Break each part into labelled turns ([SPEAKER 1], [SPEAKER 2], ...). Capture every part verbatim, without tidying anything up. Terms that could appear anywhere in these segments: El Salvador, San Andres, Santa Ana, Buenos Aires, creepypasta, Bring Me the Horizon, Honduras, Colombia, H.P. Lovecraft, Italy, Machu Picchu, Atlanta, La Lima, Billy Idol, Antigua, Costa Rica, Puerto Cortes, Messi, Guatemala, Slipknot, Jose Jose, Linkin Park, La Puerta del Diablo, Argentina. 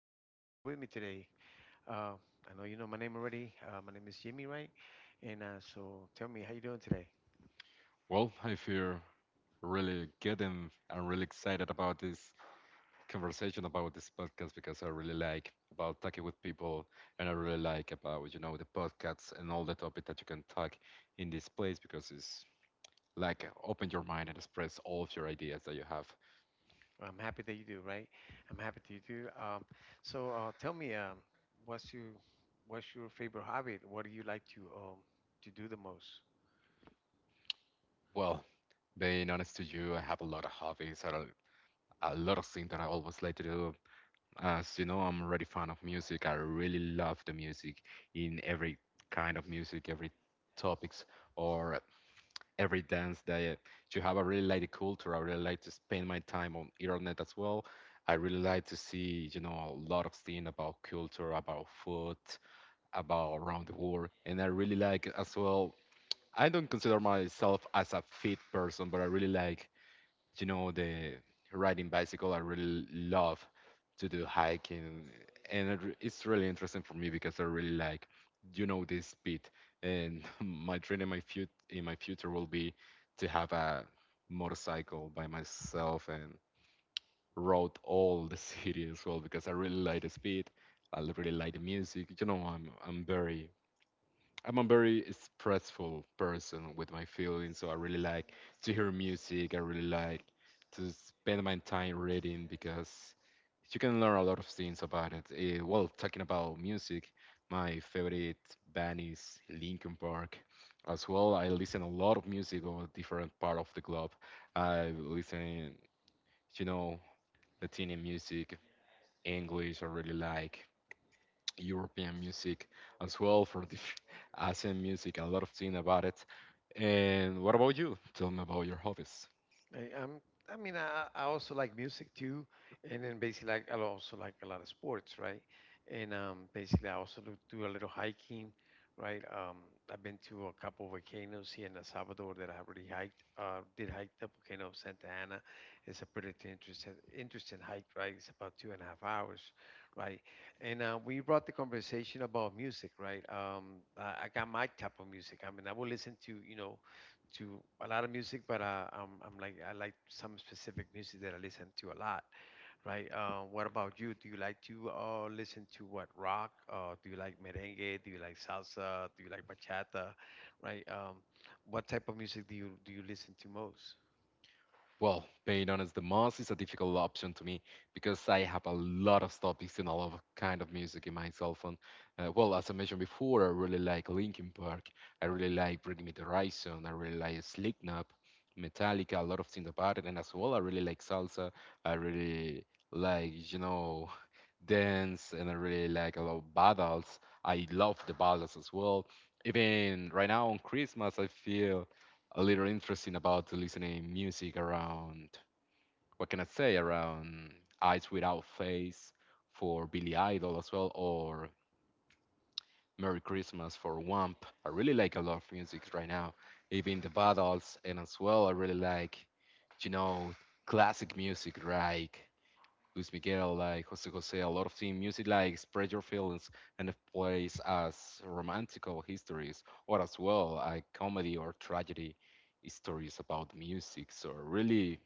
[SPEAKER 1] uh, being here with me today. Uh, I know you know my name already. Uh, my name is Jimmy, right? And uh, so tell me, how you doing today?
[SPEAKER 2] Well, I feel really good and I'm really excited about this conversation, about this podcast, because I really like about talking with people and I really like about you know the podcasts and all the topic that you can talk in this place because it's like open your mind and express all of your ideas that you have.
[SPEAKER 1] Well, I'm happy that you do, right? I'm happy that you do. Um, so uh, tell me, um, what's your what's your favorite hobby? What do you like to um, to do the most?
[SPEAKER 2] Well, being honest to you, I have a lot of hobbies, I don't- a lot of things that I always like to do. As you know, I'm already fan of music. I really love the music in every kind of music, every topics or every dance that you have. I really like the culture. I really like to spend my time on internet as well. I really like to see, you know, a lot of things about culture, about food, about around the world. And I really like as well. I don't consider myself as a fit person, but I really like you know the riding bicycle. I really love to do hiking, and it re- it's really interesting for me because I really like you know this speed. And my dream in my fut in my future will be to have a motorcycle by myself and rode all the city as well, because I really like the speed. I really like the music. you know i'm i'm very I'm a very expressful person with my feelings, so I really like to hear music. I really like to spend my time reading because you can learn a lot of things about it. Eh, well, talking about music, my favorite band is Linkin Park. As well, I listen a lot of music on different part of the globe. I listen, you know, Latino music, English. I really like European music as well. For the Asian music, a lot of thing about it. And what about you? Tell me about your hobbies.
[SPEAKER 1] I, um, I mean, I, I also like music too, and then basically like I also like a lot of sports, right? And um, basically I also do, do a little hiking, right? Um, I've been to a couple of volcanoes here in El Salvador that I have already hiked. Uh, did hike the volcano of Santa Ana. It's a pretty interesting, interesting hike, right? It's about two and a half hours, right? And uh, we brought the conversation about music, right? Um, I, I got my type of music. I mean, I will listen to, you know to a lot of music, but uh, I'm, I'm like I like some specific music that I listen to a lot, right? Uh, what about you? Do you like to uh, listen to what rock? Uh, do you like merengue? Do you like salsa? Do you like bachata? Right? Um, what type of music do you do you listen to most?
[SPEAKER 2] Well, being honest, the most is a difficult option to me because I have a lot of topics and a lot of kind of music in my cell phone. Uh, well, as I mentioned before, I really like Linkin Park. I really like Bring Me the Horizon. I really like Slipknot, Metallica, a lot of things about it. And as well, I really like salsa. I really like, you know, dance, and I really like a lot of ballads. I love the ballads as well. Even right now on Christmas, I feel a little interesting about listening music around, what can I say, around Eyes Without Face for Billy Idol, as well, or Merry Christmas for Wamp. I really like a lot of music right now, even the battles, and as well I really like you know classic music like Luis Miguel, like Jose Jose, a lot of the music like Spread Your Feelings, and it plays as romantical histories or as well a comedy or tragedy stories about music. So really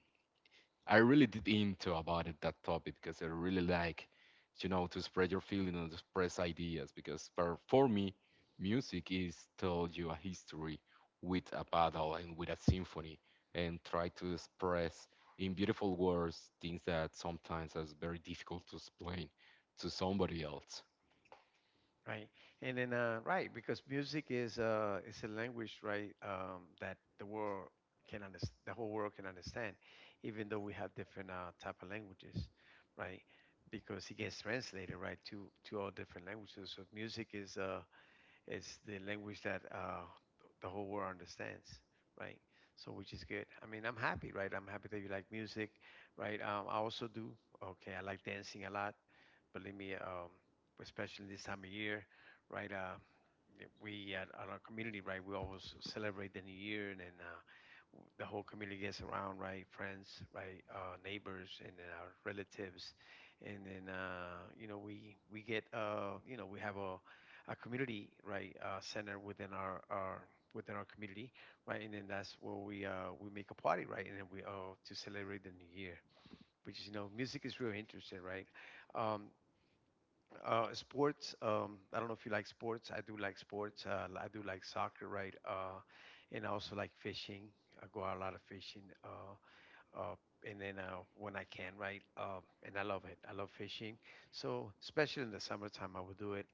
[SPEAKER 2] I really did into about it that topic because I really like, you know, to spread your feeling and express ideas. Because for for me, music is tell you a history with a battle and with a symphony, and try to express in beautiful words things that sometimes is very difficult to explain to somebody else.
[SPEAKER 1] Right. And then, uh, right, because music is uh, is a language, right, um, that the world can understand, the whole world can understand, even though we have different uh, type of languages, right? Because it gets translated, right, to to all different languages. So music is uh, is the language that uh, th- the whole world understands, right? So which is good. I mean, I'm happy, right? I'm happy that you like music, right? Um, I also do. Okay, I like dancing a lot. Believe me, um, especially this time of year, right? Uh, we at, at our community, right? We always celebrate the new year, and then uh, w- the whole community gets around, right? Friends, right? Uh, neighbors, and then our relatives, and then uh, you know we we get uh, you know we have a a community right uh, center within our our within our community, right? And then that's where we uh, we make a party, right? And then we uh, to celebrate the new year, which is you know music is real interesting, right? Um, uh, sports. Um, I don't know if you like sports. I do like sports. Uh, I do like soccer, right? Uh, and I also like fishing. I go out a lot of fishing. Uh, uh, and then uh, when I can, right? Uh, and I love it. I love fishing. So especially in the summertime, I would do it.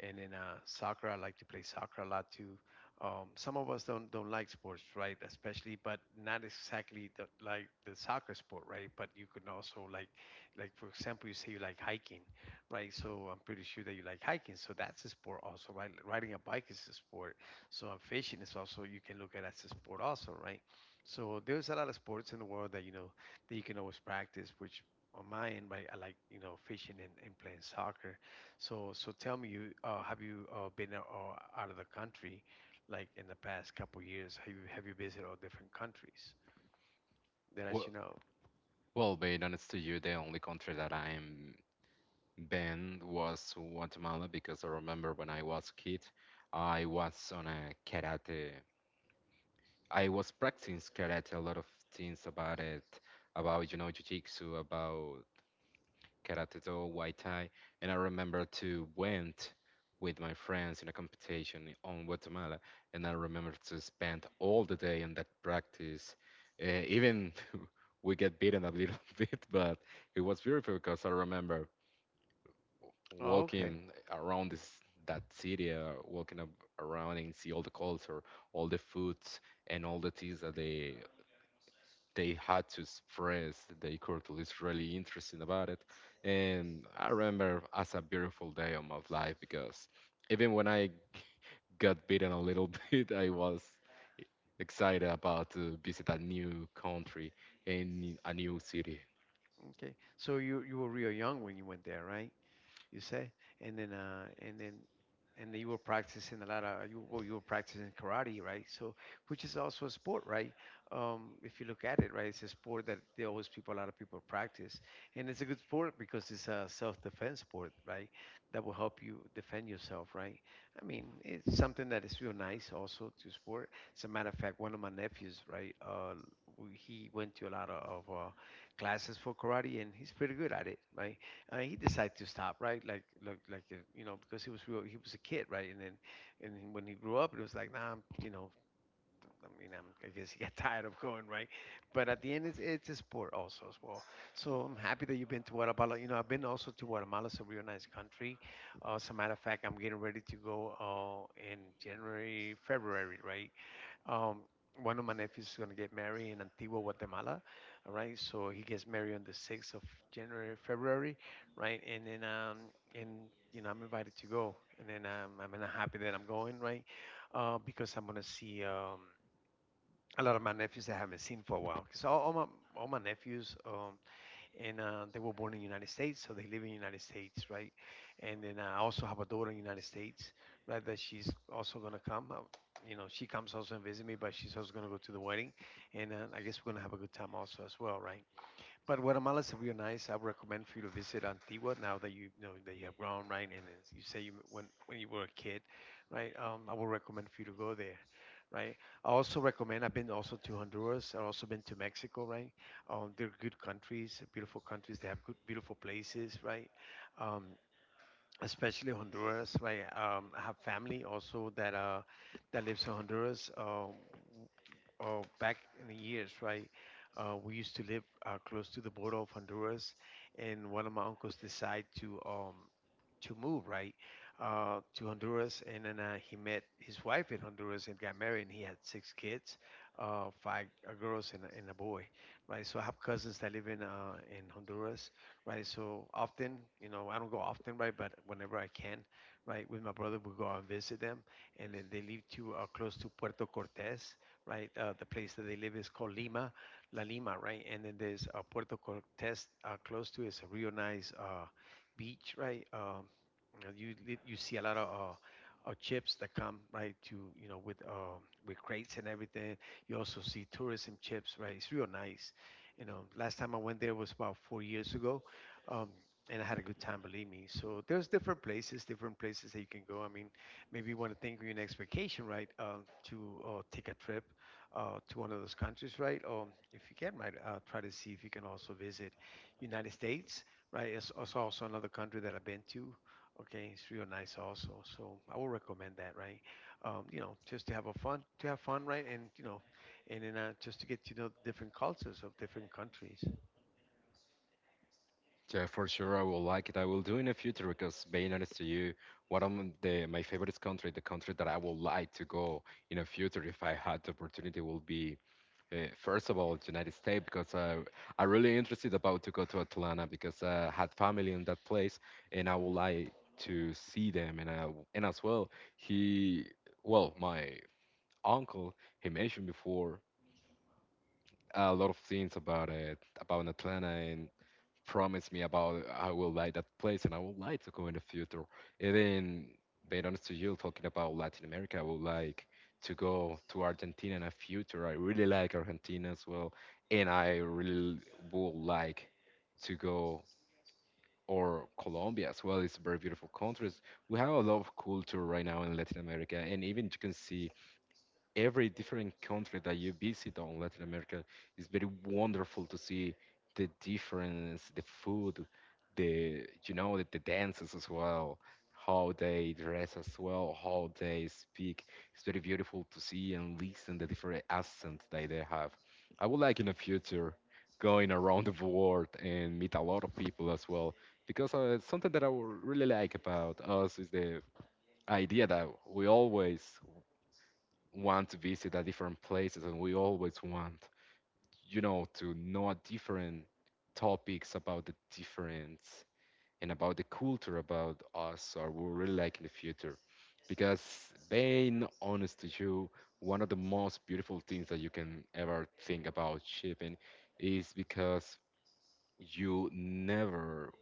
[SPEAKER 1] And then uh, soccer, I like to play soccer a lot too. Um, some of us don't don't like sports, right? Especially, but not exactly the, like the soccer sport, right? But you can also like, like for example, you say you like hiking, right? So I'm pretty sure that you like hiking. So that's a sport also, right? Riding a bike is a sport. So I fishing is also you can look at as a sport also, right? So there's a lot of sports in the world that you know that you can always practice. Which on my end, right, I like you know fishing and, and playing soccer. So so tell me, you uh, have you uh, been out, uh, out of the country, like in the past couple years? Have you have you visited all different countries that I
[SPEAKER 2] Well,
[SPEAKER 1] should know?
[SPEAKER 2] well, Baden, it's to you the only country that I am band was Guatemala, because I remember when I was a kid, I was on a karate. I was practicing karate, a lot of things about it, about you know jiu-jitsu, about karate do, white tie, and I remember to went with my friends in a competition on Guatemala, and I remember to spend all the day on that practice, uh, even. We get beaten a little bit, but it was beautiful because I remember
[SPEAKER 1] Oh, okay,
[SPEAKER 2] walking around this that city, uh, walking up around and see all the culture, all the foods, and all the things that they they had to express their culture. It's really interesting about it, and I remember as a beautiful day of my life because even when I got beaten a little bit, I was excited about to visit a new country and a new city.
[SPEAKER 1] okay. So you you were real young when you went there, right? You say, and then uh, and then and then you were practicing a lot of you well you were practicing karate, right? So which is also a sport, right? Um, if you look at it, right, it's a sport that there always people a lot of people practice, and it's a good sport because it's a self-defense sport, right? That will help you defend yourself, right? I mean, it's something that is real nice also to sport. As a matter of fact, one of my nephews, right, uh, w- he went to a lot of, of uh, classes for karate, and he's pretty good at it, right? I mean, he decided to stop, right? Like, like, like, uh, you know, because he was real, he was a kid, right? And then, and then when he grew up, it was like, nah, I'm, you know, I mean, I'm, I guess he got tired of going, right? But at the end, it's it's a sport also as well. So I'm happy that you've been to Guatemala. You know, I've been also to Guatemala. It's a real nice country. Uh, as a matter of fact, I'm getting ready to go uh, in January, February, right? Um, one of my nephews is going to get married in Antigua, Guatemala. All right. So he gets married on the sixth of January, February. Right. And then, um, and, you know, I'm invited to go. And then um, I'm and I'm happy that I'm going, right? Uh, because I'm going to see um, a lot of my nephews that I haven't seen for a while. Because all, all, my, all my nephews, um, and uh, they were born in the United States, so they live in the United States, right? And then uh, I also have a daughter in the United States, right? That she's also gonna come. Uh, you know, she comes also and visit me, but she's also gonna go to the wedding, and uh, I guess we're gonna have a good time also as well, right? But Guatemala is real nice. I would recommend for you to visit Antigua now that you know that you have grown, right? And as you say you when when you were a kid, right? Um, I would recommend for you to go there, right? I also recommend. I've been also to Honduras. I've also been to Mexico, right? Um, they're good countries, beautiful countries. They have good, beautiful places, right? Um, especially Honduras, right? um, I have family also that uh that lives in Honduras. Um, uh, back in the years, right? Uh, we used to live uh, close to the border of Honduras, and one of my uncles decided to um to move right uh, to Honduras, and then uh, he met his wife in Honduras and got married, and he had six kids, uh, five uh, girls and, a- and a boy, right? So I have cousins that live in uh, in Honduras, right? So often, you know, I don't go often, right? But whenever I can, right, with my brother, we go out and visit them, and then they live to uh, close to Puerto Cortes, right? Uh, the place that they live is called Lima, La Lima, right? And then there's uh, Puerto Cortes uh, close to it. It's a real nice uh, beach, right? Um, you you you see a lot of. Uh, uh, chips that come right to you know with uh, with crates and everything. You also see tourism chips, right? It's real nice you know last time I went there was about four years ago. um, and I had a good time, believe me. So there's different places, different places that you can go. I mean, maybe you want to think of your next vacation, right? Uh, to uh, take a trip uh, to one of those countries, right? Or if you can, right, uh, try to see if you can also visit United States, right? It's, it's also another country that I've been to. Okay, it's real nice also. So I will recommend that, right? Um, you know, just to have a fun, to have fun, right? And you know, and then uh, just to get to know different cultures of different countries.
[SPEAKER 2] Yeah, for sure, I will like it. I will do in the future because, being honest to you, one of the my favorite country, the country that I would like to go in the future if I had the opportunity, will be uh, first of all United States, because I I really interested about to go to Atlanta because I had family in that place, and I would like to see them. And I, w- and as well, he well my uncle he mentioned before a lot of things about it about Atlanta. Promise me about I will like that place and I would like to go in the future. Even being honest to you, talking about Latin America, I would like to go to Argentina in the future. I really like Argentina as well, and I really would like to go, or Colombia as well. It's a very beautiful countries. We have a lot of culture right now in Latin America, and even you can see every different country that you visit on Latin America is very wonderful to see the difference, the food, the you know the, the dances as well, how they dress as well, how they speak. It's very beautiful to see and listen the different accents that they have. I would like in the future going around the world and meet a lot of people as well, because uh, something that I would really like about us is the idea that we always want to visit at different places, and we always want you know to know different topics about the difference and about the culture about us, or we really like in the future, because being honest to you, one of the most beautiful things that you can ever think about shipping is because you never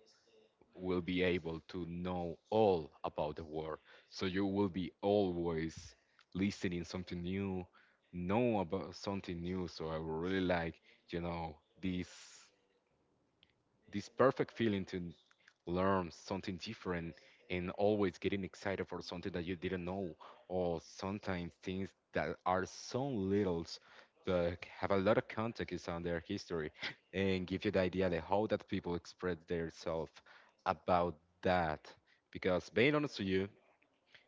[SPEAKER 2] will be able to know all about the world. So you will be always listening something new, know about something new. So I would really like, you know, this this perfect feeling to learn something different and always getting excited for something that you didn't know, or sometimes things that are so little but have a lot of context on their history and give you the idea that how that people express themselves about that. Because being honest with you,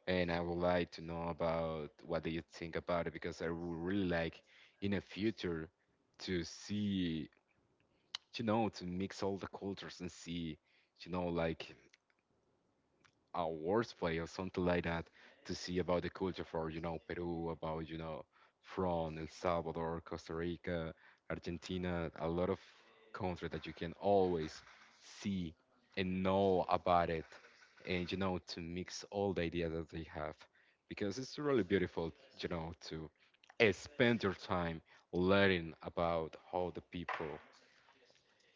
[SPEAKER 2] and I would like to know about what do you think about it, because I would really like in the future to see, you know, to mix all the cultures and see, you know, like a worst play or something like that, to see about the culture for, you know, Peru, about, you know, from El Salvador, Costa Rica, Argentina, a lot of countries that you can always see and know about it, and you know to mix all the ideas that they have, because it's really beautiful, you know, to eh, spend your time learning about how the people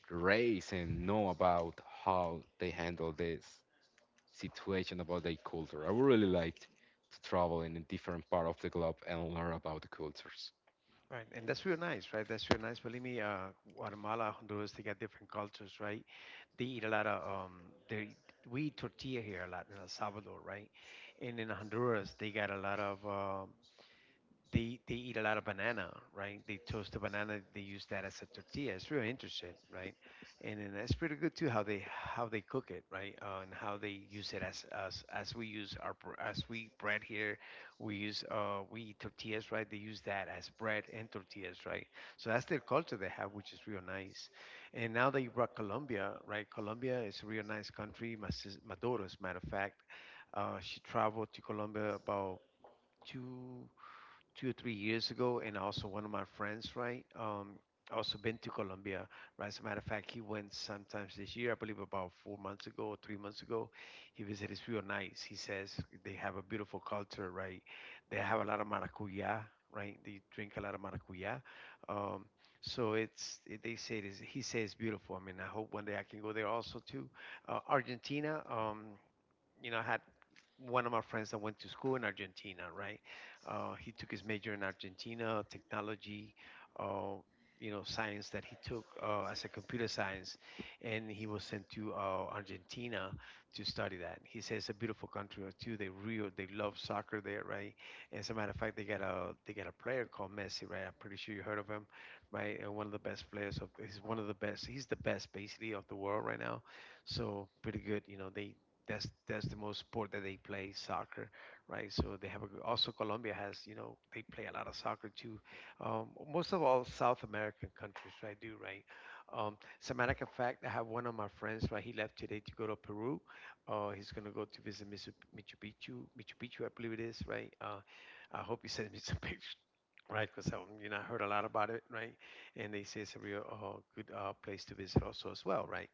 [SPEAKER 2] race and know about how they handle this situation, about their culture. I would really like to travel in a different part of the globe and learn about the cultures.
[SPEAKER 1] Right, and that's real nice, right? That's real nice. Believe me, uh, Guatemala, Honduras, they got different cultures, right? They eat a lot of um, they we eat tortilla here a lot in El Salvador, right? And in Honduras, they got a lot of um they they eat a lot of banana, right? They toast a banana. They use that as a tortilla. It's really interesting, right? And then it's pretty good too how they how they cook it, right? Uh, and how they use it as as as we use our br- as we bread here, we use uh we eat tortillas, right? They use that as bread and tortillas, right? So that's their culture they have, which is real nice. And now that you brought Colombia, right? Colombia is a real nice country. My sis, my daughter, as a matter of fact, uh, she traveled to Colombia about two two or three years ago, and also one of my friends, right? Um, also been to Colombia, right? As a matter of fact, he went sometimes this year, I believe about four months ago or three months ago. He visited. It's real nice. He says they have a beautiful culture, right? They have a lot of maracuya, right? They drink a lot of maracuya. Um, so it's it- they say it is. He says it's beautiful. I mean, I hope one day I can go there also too. Uh, Argentina. Um, you know, I had one of my friends that went to school in Argentina, right? Uh, he took his major in Argentina, technology, uh, you know, science that he took uh, as a computer science, and he was sent to uh, Argentina to study that. He says it's a beautiful country uh, too. They real, they love soccer there, right? As a matter of fact, they got a they got a player called Messi, right? I'm pretty sure you heard of him, right? And one of the best players of he's one of the best. He's the best basically of the world right now. So pretty good, you know. They that's that's the most sport that they play, soccer, right? So they have a, g- also Colombia has, you know, they play a lot of soccer too. um, most of all South American countries, right, do, right? um, as a matter of fact, I have one of my friends, right, he left today to go to Peru. uh, he's going to go to visit Misu- machu picchu Machu Picchu, I believe it is, right? uh, I hope he sends me some pictures. Right, because um, you know, I heard a lot about it, right? And they say it's a real uh, good uh, place to visit also as well, right?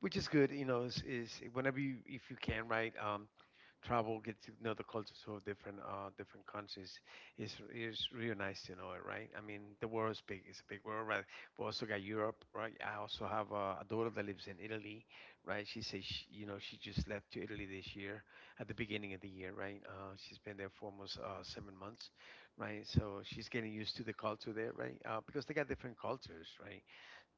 [SPEAKER 1] Which is good, you know. is, is, whenever you, if you can, right, um travel, get to know the cultures of different uh different countries. is is really nice to know it, right? I mean, the world is big. It's a big world, right? We also got Europe. Right, I also have a, a daughter that lives in Italy. Right, she says she, you know, she just left to Italy this year, at the beginning of the year, right. uh she's been there for almost uh seven months, right. So she's getting used to the culture there, right. uh because they got different cultures, right.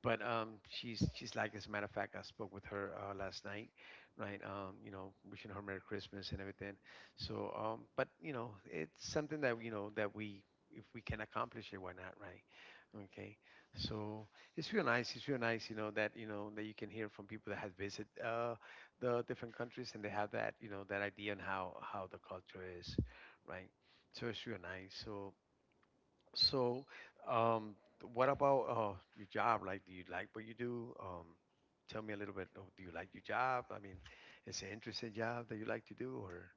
[SPEAKER 1] But um, she's she's like as a matter of fact, I spoke with her uh, last night, right? Um, you know, wishing her Merry Christmas and everything. So, um, but you know, it's something that, you know, that we, if we can accomplish it, why not, right? Okay, so it's real nice. It's real nice, you know, that, you know, that you can hear from people that have visited uh, the different countries and they have that, you know, that idea on how how the culture is, right? So it's real nice. So so, um, what about uh, your job? Like, do you like what you do? Um, tell me a little bit. oh, Do you like your job? I mean, it's an interesting job that you like to do, or?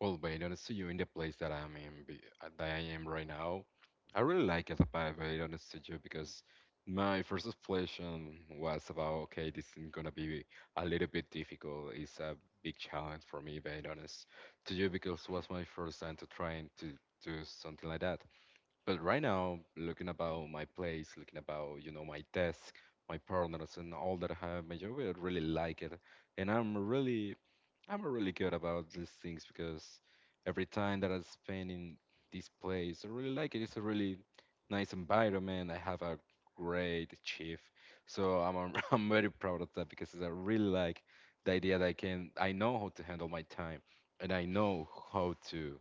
[SPEAKER 2] Well, Bayonetta to you, in the place that I'm in, be- uh, that I am right now, I really like it about Bayonetta Studio,
[SPEAKER 1] Mm,
[SPEAKER 2] because my first explanation was about, okay, this is gonna be a little bit difficult. It's a big challenge for me, being honest to you, because it was my first time to trying to do something like that. But right now, looking about my place, looking about, you know, my desk, my partners and all that I have, my job, I really like it. And I'm really I'm really good about these things because every time that I spend in this place, I really like it. It's a really nice environment. I have a great chief. So I'm I'm I'm very proud of that because I really like the idea that I can I know how to handle my time, and I know how to,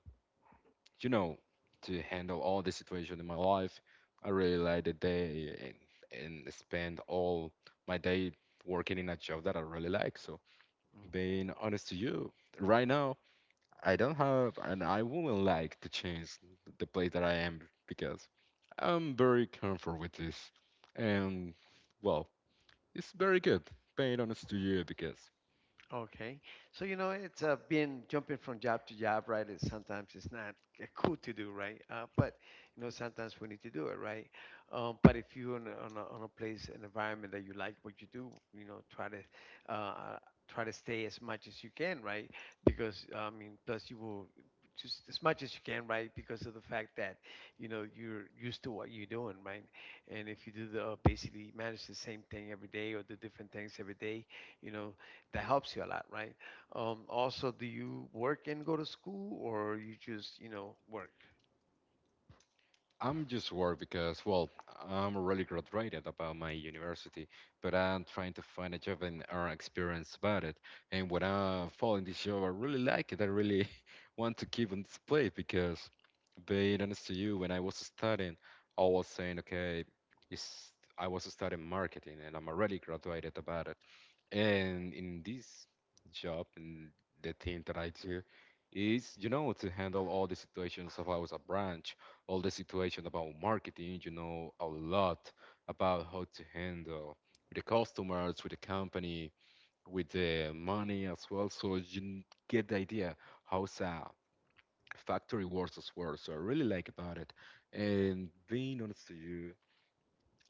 [SPEAKER 2] you know, to handle all the situation in my life. I really like the day and, and spend all my day working in a job that I really like. So
[SPEAKER 1] mm.
[SPEAKER 2] being honest to you, right now I don't have and I wouldn't like to change the place that I am, because I'm very comfortable with this. And well, it's very good being honest to you, because
[SPEAKER 1] Okay. So, you know, it's uh, been jumping from job to job, right? It's sometimes it's not uh, cool to do, right? Uh, but, you know, sometimes we need to do it, right? Um, but if you're on a, on a, on a place, an environment that you like what you do, you know, try to, uh, uh, try to stay as much as you can, right? Because, uh, I mean, plus you will just as much as you can, right? Because of the fact that, you know, you're used to what you're doing, right? And if you do the, uh, basically manage the same thing every day or do different things every day, you know, that helps you a lot, right? Um, also, do you work and go to school, or you just, you know, work?
[SPEAKER 2] I'm just worried because, well, I'm really graduated about my university, but I'm trying to find a job and earn experience about it. And when I fall in this job, I really like it. I really want to keep on this place because, being honest to you, when I was studying, I was saying, okay, it's, I was studying marketing and I'm already graduated about it. And in this job, and the thing that I do is, you know, to handle all the situations about a branch, all the situation about marketing, you know, a lot about how to handle with the customers, with the company, with the money as well. So you get the idea how a factory works as well. So I really like about it. And being honest to you,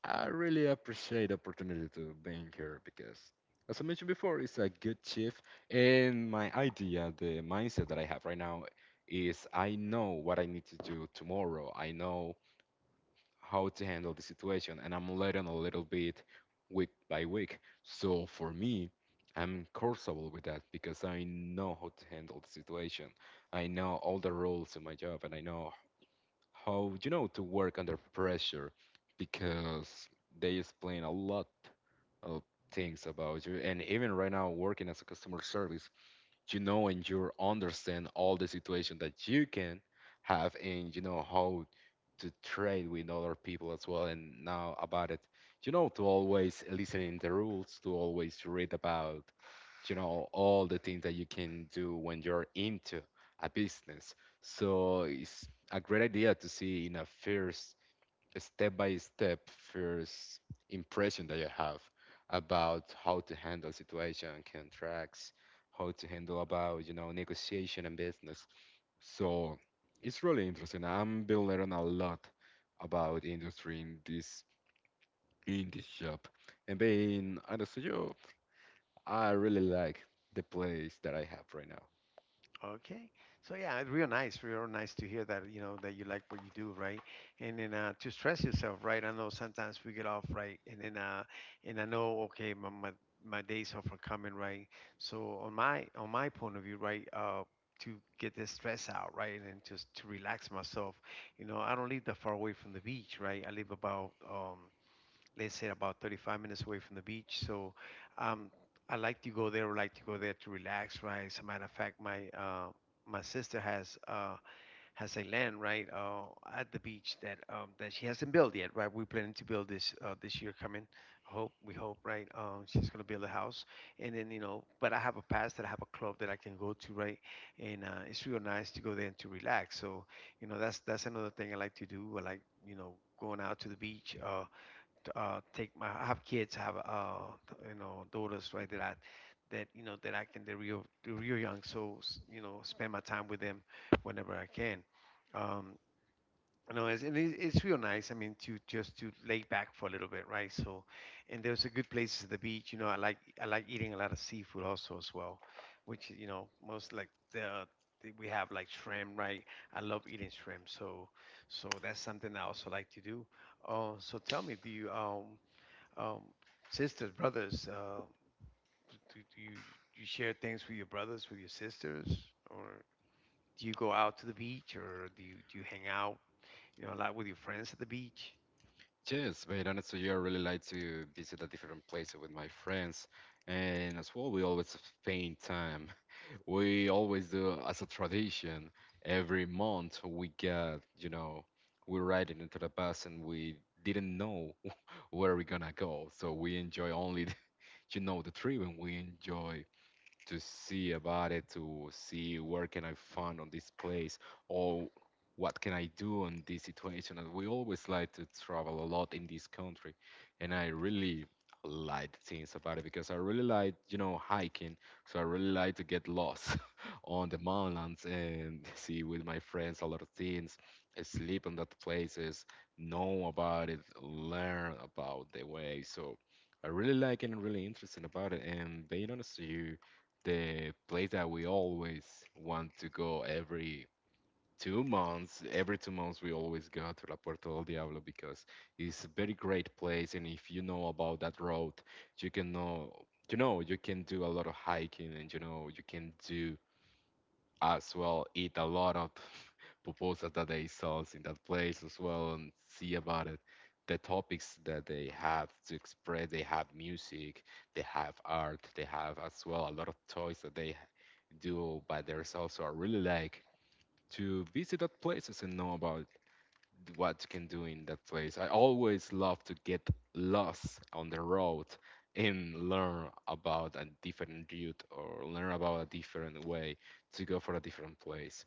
[SPEAKER 2] I really appreciate the opportunity to being here because, as I mentioned before, it's a good shift. And my idea, the mindset that I have right now is I know what I need to do tomorrow. I know how to handle the situation, and I'm learning a little bit week by week. So for me, I'm comfortable with that because I know how to handle the situation. I know all the rules in my job, and I know how you know to work under pressure because they explain a lot of things about you. And even right now working as a customer service you know and you understand all the situation that you can have, and you know how to trade with other people as well. And now about it you know to always listening the rules, to always read about you know all the things that you can do when you're into a business. So it's a great idea to see in a first step by step first impression that you have about how to handle situation contracts, how to handle about you know negotiation and business. So it's really interesting, I'm been learning a lot about industry in this in this job. And being honest with you, I really like the place that I have right now. Yes, but honestly, I really like to visit a different place with my friends. And as well, we always spend time. We always do as a tradition. Every month, we get, you know, we ride riding into the bus and we didn't know where we're gonna go. So we enjoy only, the- you know, the trip, and we enjoy to see about it, to see where can I find on this place, or what can I do in this situation. And we always like to travel a lot in this country, and I really like things about it, because I really like you know hiking. So I really like to get lost on the mountains and see with my friends a lot of things, sleep in that places, know about it, learn about the way. So I really like, and really interesting about it. And being honest to you, the place that we always want to go every two months. Every two months, we always go to La Puerta del Diablo, because it's a very great place. And if you know about that road, you can know, you know, you can do a lot of hiking, and you know, you can do as well eat a lot of pupusas that they sell in that place as well, and see about it. The topics that they have to express: they have music, they have art, they have as well a lot of toys that they do by themselves. So I really like to visit that places and know about what you can do in that place. I always love to get lost on the road and learn about a different route, or learn about a different way to go for a different place.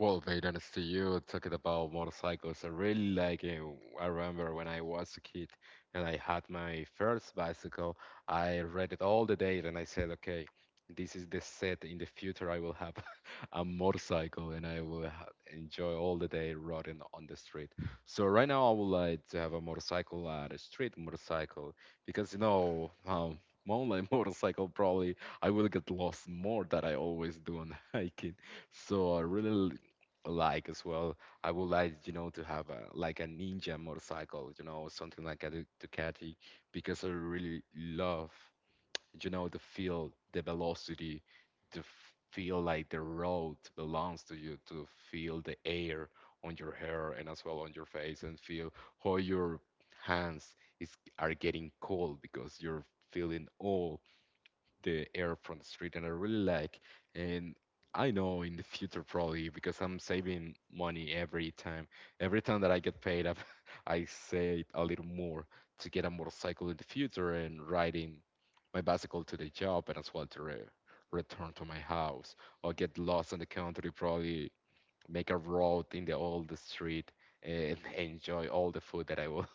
[SPEAKER 2] Well, mate, honestly, you talking about motorcycles. I really like it. I remember when I was a kid and I had my first bicycle, I read it all the data and I said, okay, this is the set. In the future I will have a motorcycle, and I will ha enjoy all the day riding on the street. So right now I would like to have a motorcycle, uh, a street motorcycle, because you know, um, mountain motorcycle probably I will get lost more than I always do on hiking. So I really like as well. I would like, you know, to have a, like a ninja motorcycle, you know, or something like a Du- Ducati, because I really love, you know, the feel, the velocity, to f- feel like the road belongs to you, to feel the air on your hair and as well on your face, and feel how your hands is are getting cold because you're feeling all the air from the street, and I really like. And I know in the future, probably, because I'm saving money every time. Every time that I get paid up, I save a little more to get a motorcycle in the future and riding my bicycle to the job, and as well to re return to my house, or get lost in the country, probably make a road in the old street and enjoy all the food that I will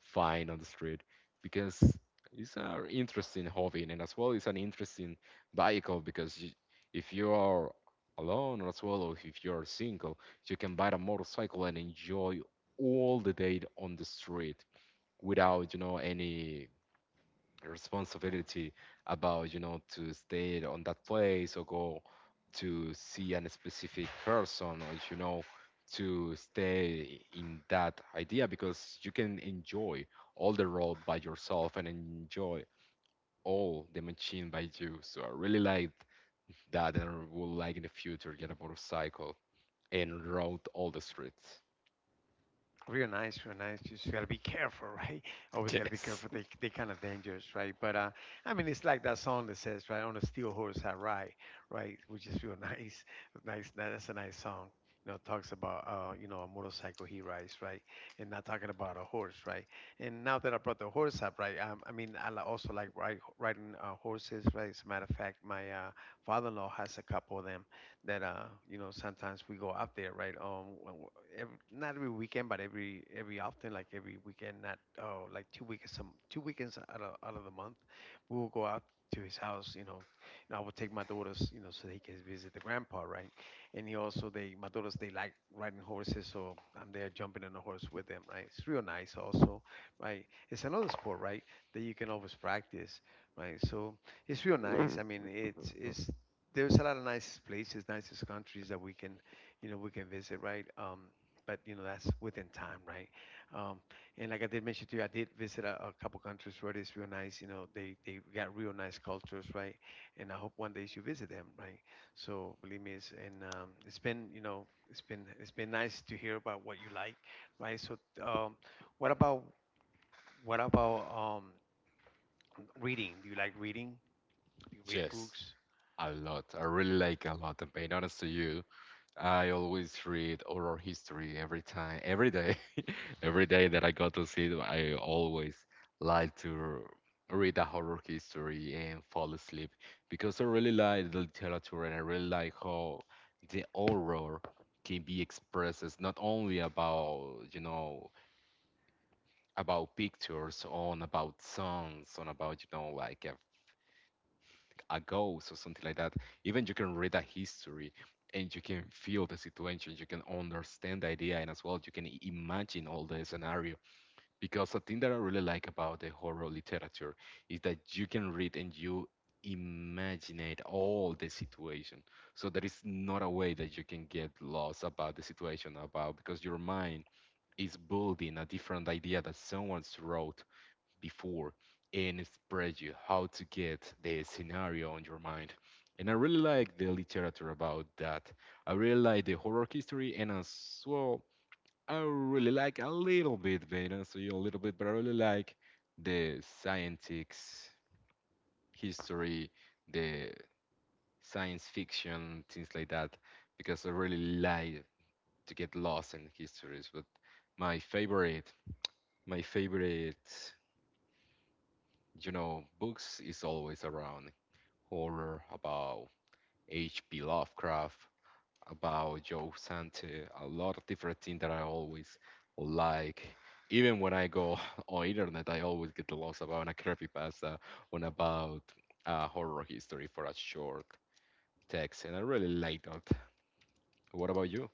[SPEAKER 2] find on the street, because it's an interesting hobby, and as well it's an interesting vehicle. Because you, if you are alone, or as well, or if you are single, you can buy a motorcycle and enjoy all the day on the street without you know any responsibility about you know to stay on that place, or go to see a specific person, or you know to stay in that idea. Because you can enjoy all the road by yourself and enjoy all the machine by you. So I really liked that, and I would like in the future get a motorcycle and rode all the streets. Yes. Yes, a lot. I really like a lot. And being honest to you, I always read horror history every time, every day, every day that I go to see it, I always like to read a horror history and fall asleep, because I really like the literature, and I really like how the horror can be expressed as not only about, you know, about pictures, on about songs, on about, you know, like uh, a ghost or something like that. Even you can read a history and you can feel the situation, you can understand the idea, and as well you can i- imagine all the scenario. Because a thing that I really like about the horror literature is that you can read and you imagine it, all the situation. So there is not a way that you can get lost about the situation about, because your mind is building a different idea that someone's wrote before, and it spreads you how to get the scenario on your mind. And I really like the literature about that. I really like the horror history, and as well I really like a little bit, but not so a little bit, but I really like the scientific history, the science fiction, things like that, because I really like to get lost in histories. But my favorite, my favorite, you know, books is always around horror, about H P. Lovecraft, about Joe Sante, a lot of different things that I always like. Even when I go on internet, I always get lost about a creepypasta on about uh, horror history for a short text, and I really like that. What about you?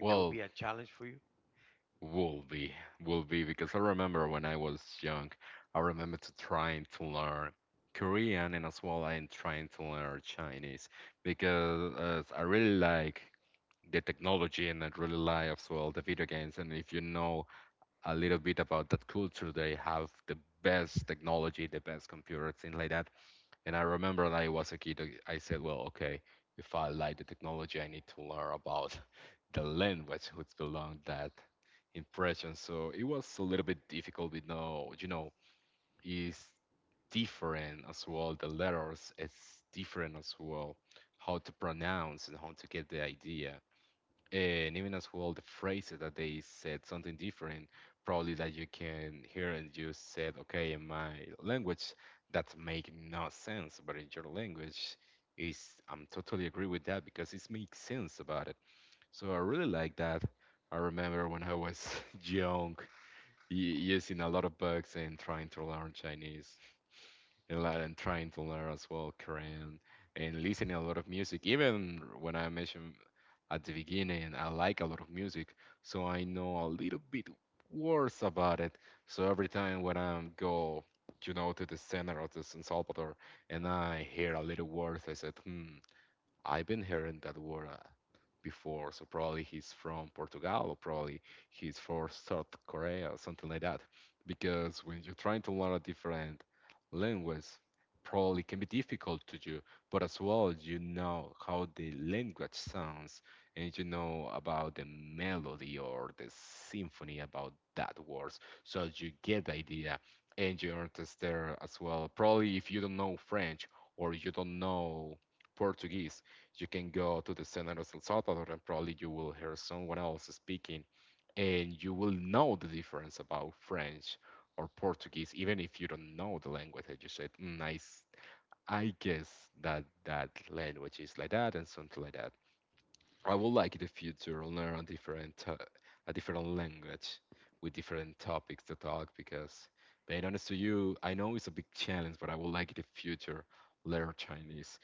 [SPEAKER 2] Well, Will be, will be, because I remember when I was young, I remember to trying to learn Korean, and as well I'm trying to learn Chinese, because uh, I really like the technology, and I really like as well the video games. And if you know a little bit about that culture, they have the best technology, the best computers, things like that. And I remember when I was a kid, I said, well, okay, if I like the technology, I need to learn about the language which belong that impression. So it was a little bit difficult. With no, you know, it's different as well. The letters, it's different as well, how to pronounce and how to get the idea, and even as well the phrases that they said something different probably that you can hear, and you said, okay, in my language that make no sense, but in your language is, I'm totally agree with that because it makes sense about it. So I really like that. I remember when I was young, y- using a lot of books and trying to learn chinese, and, lear- and trying to learn as well korean, and listening a lot of music, even when I mention at the beginning. I like a lot of music, so I know a little bit words about it. So every time when I go, you know, to the center of the San Salvador, and I hear a little words, I said, hmm, I've been hearing that word uh, before. So probably he's from Portugal, or probably he's from South Korea, or something like that. Because when you're trying to learn a different language, probably can be difficult to you. But as well, you know how the language sounds, and you know about the melody or the symphony about that words. So you get the idea, and you understand there as well. Probably if you don't know French, or you don't know Portuguese, you can go to the center of El Salvador and probably you will hear someone else speaking, and you will know the difference about French or Portuguese, even if you don't know the language. And you said, mm, I I guess that that language is like that and something like that. I would like in the future learn a different, uh, a different language with different topics to talk, because being honest to you, I know it's a big challenge, but I would like in the future learn Chinese.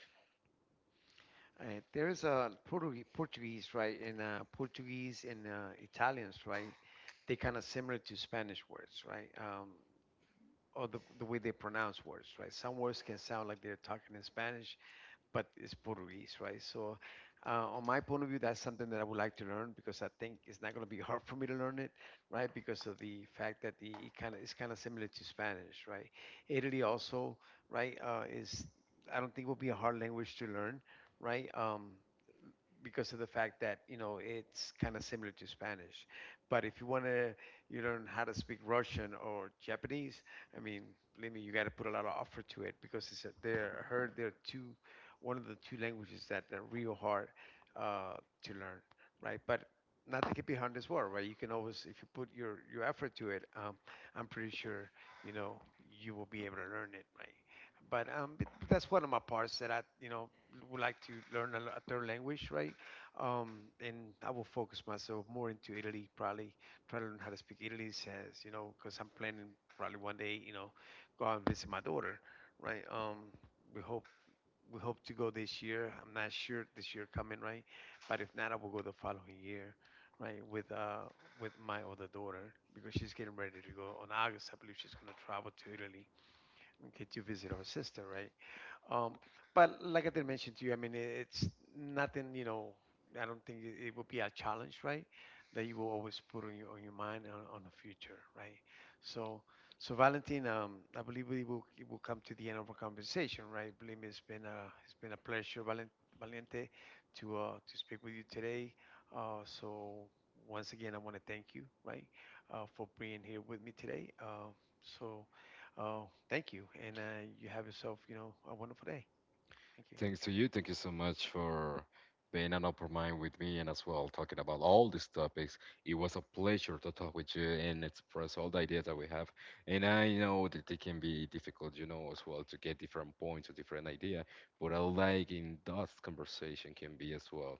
[SPEAKER 2] Thanks to you. Thank you so much for being an open mind with me, and as well talking about all these topics. It was a pleasure to talk with you and express all the ideas that we have. And I know that it can be difficult, you know, as well to get different points or different idea, but I like in that conversation can be as well,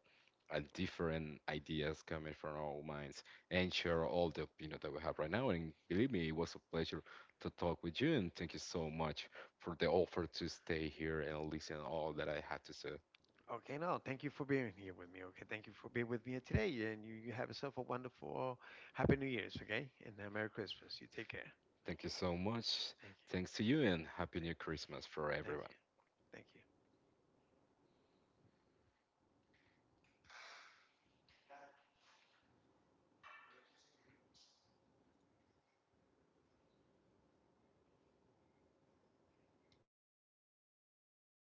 [SPEAKER 2] and different ideas coming from our minds, and share all the opinion that we have right now. And believe me, it was a pleasure to talk with you. And thank you so much for the offer to stay here and listen all that I had to say. Thank you so much. Thanks to you, and Happy New Christmas for everyone.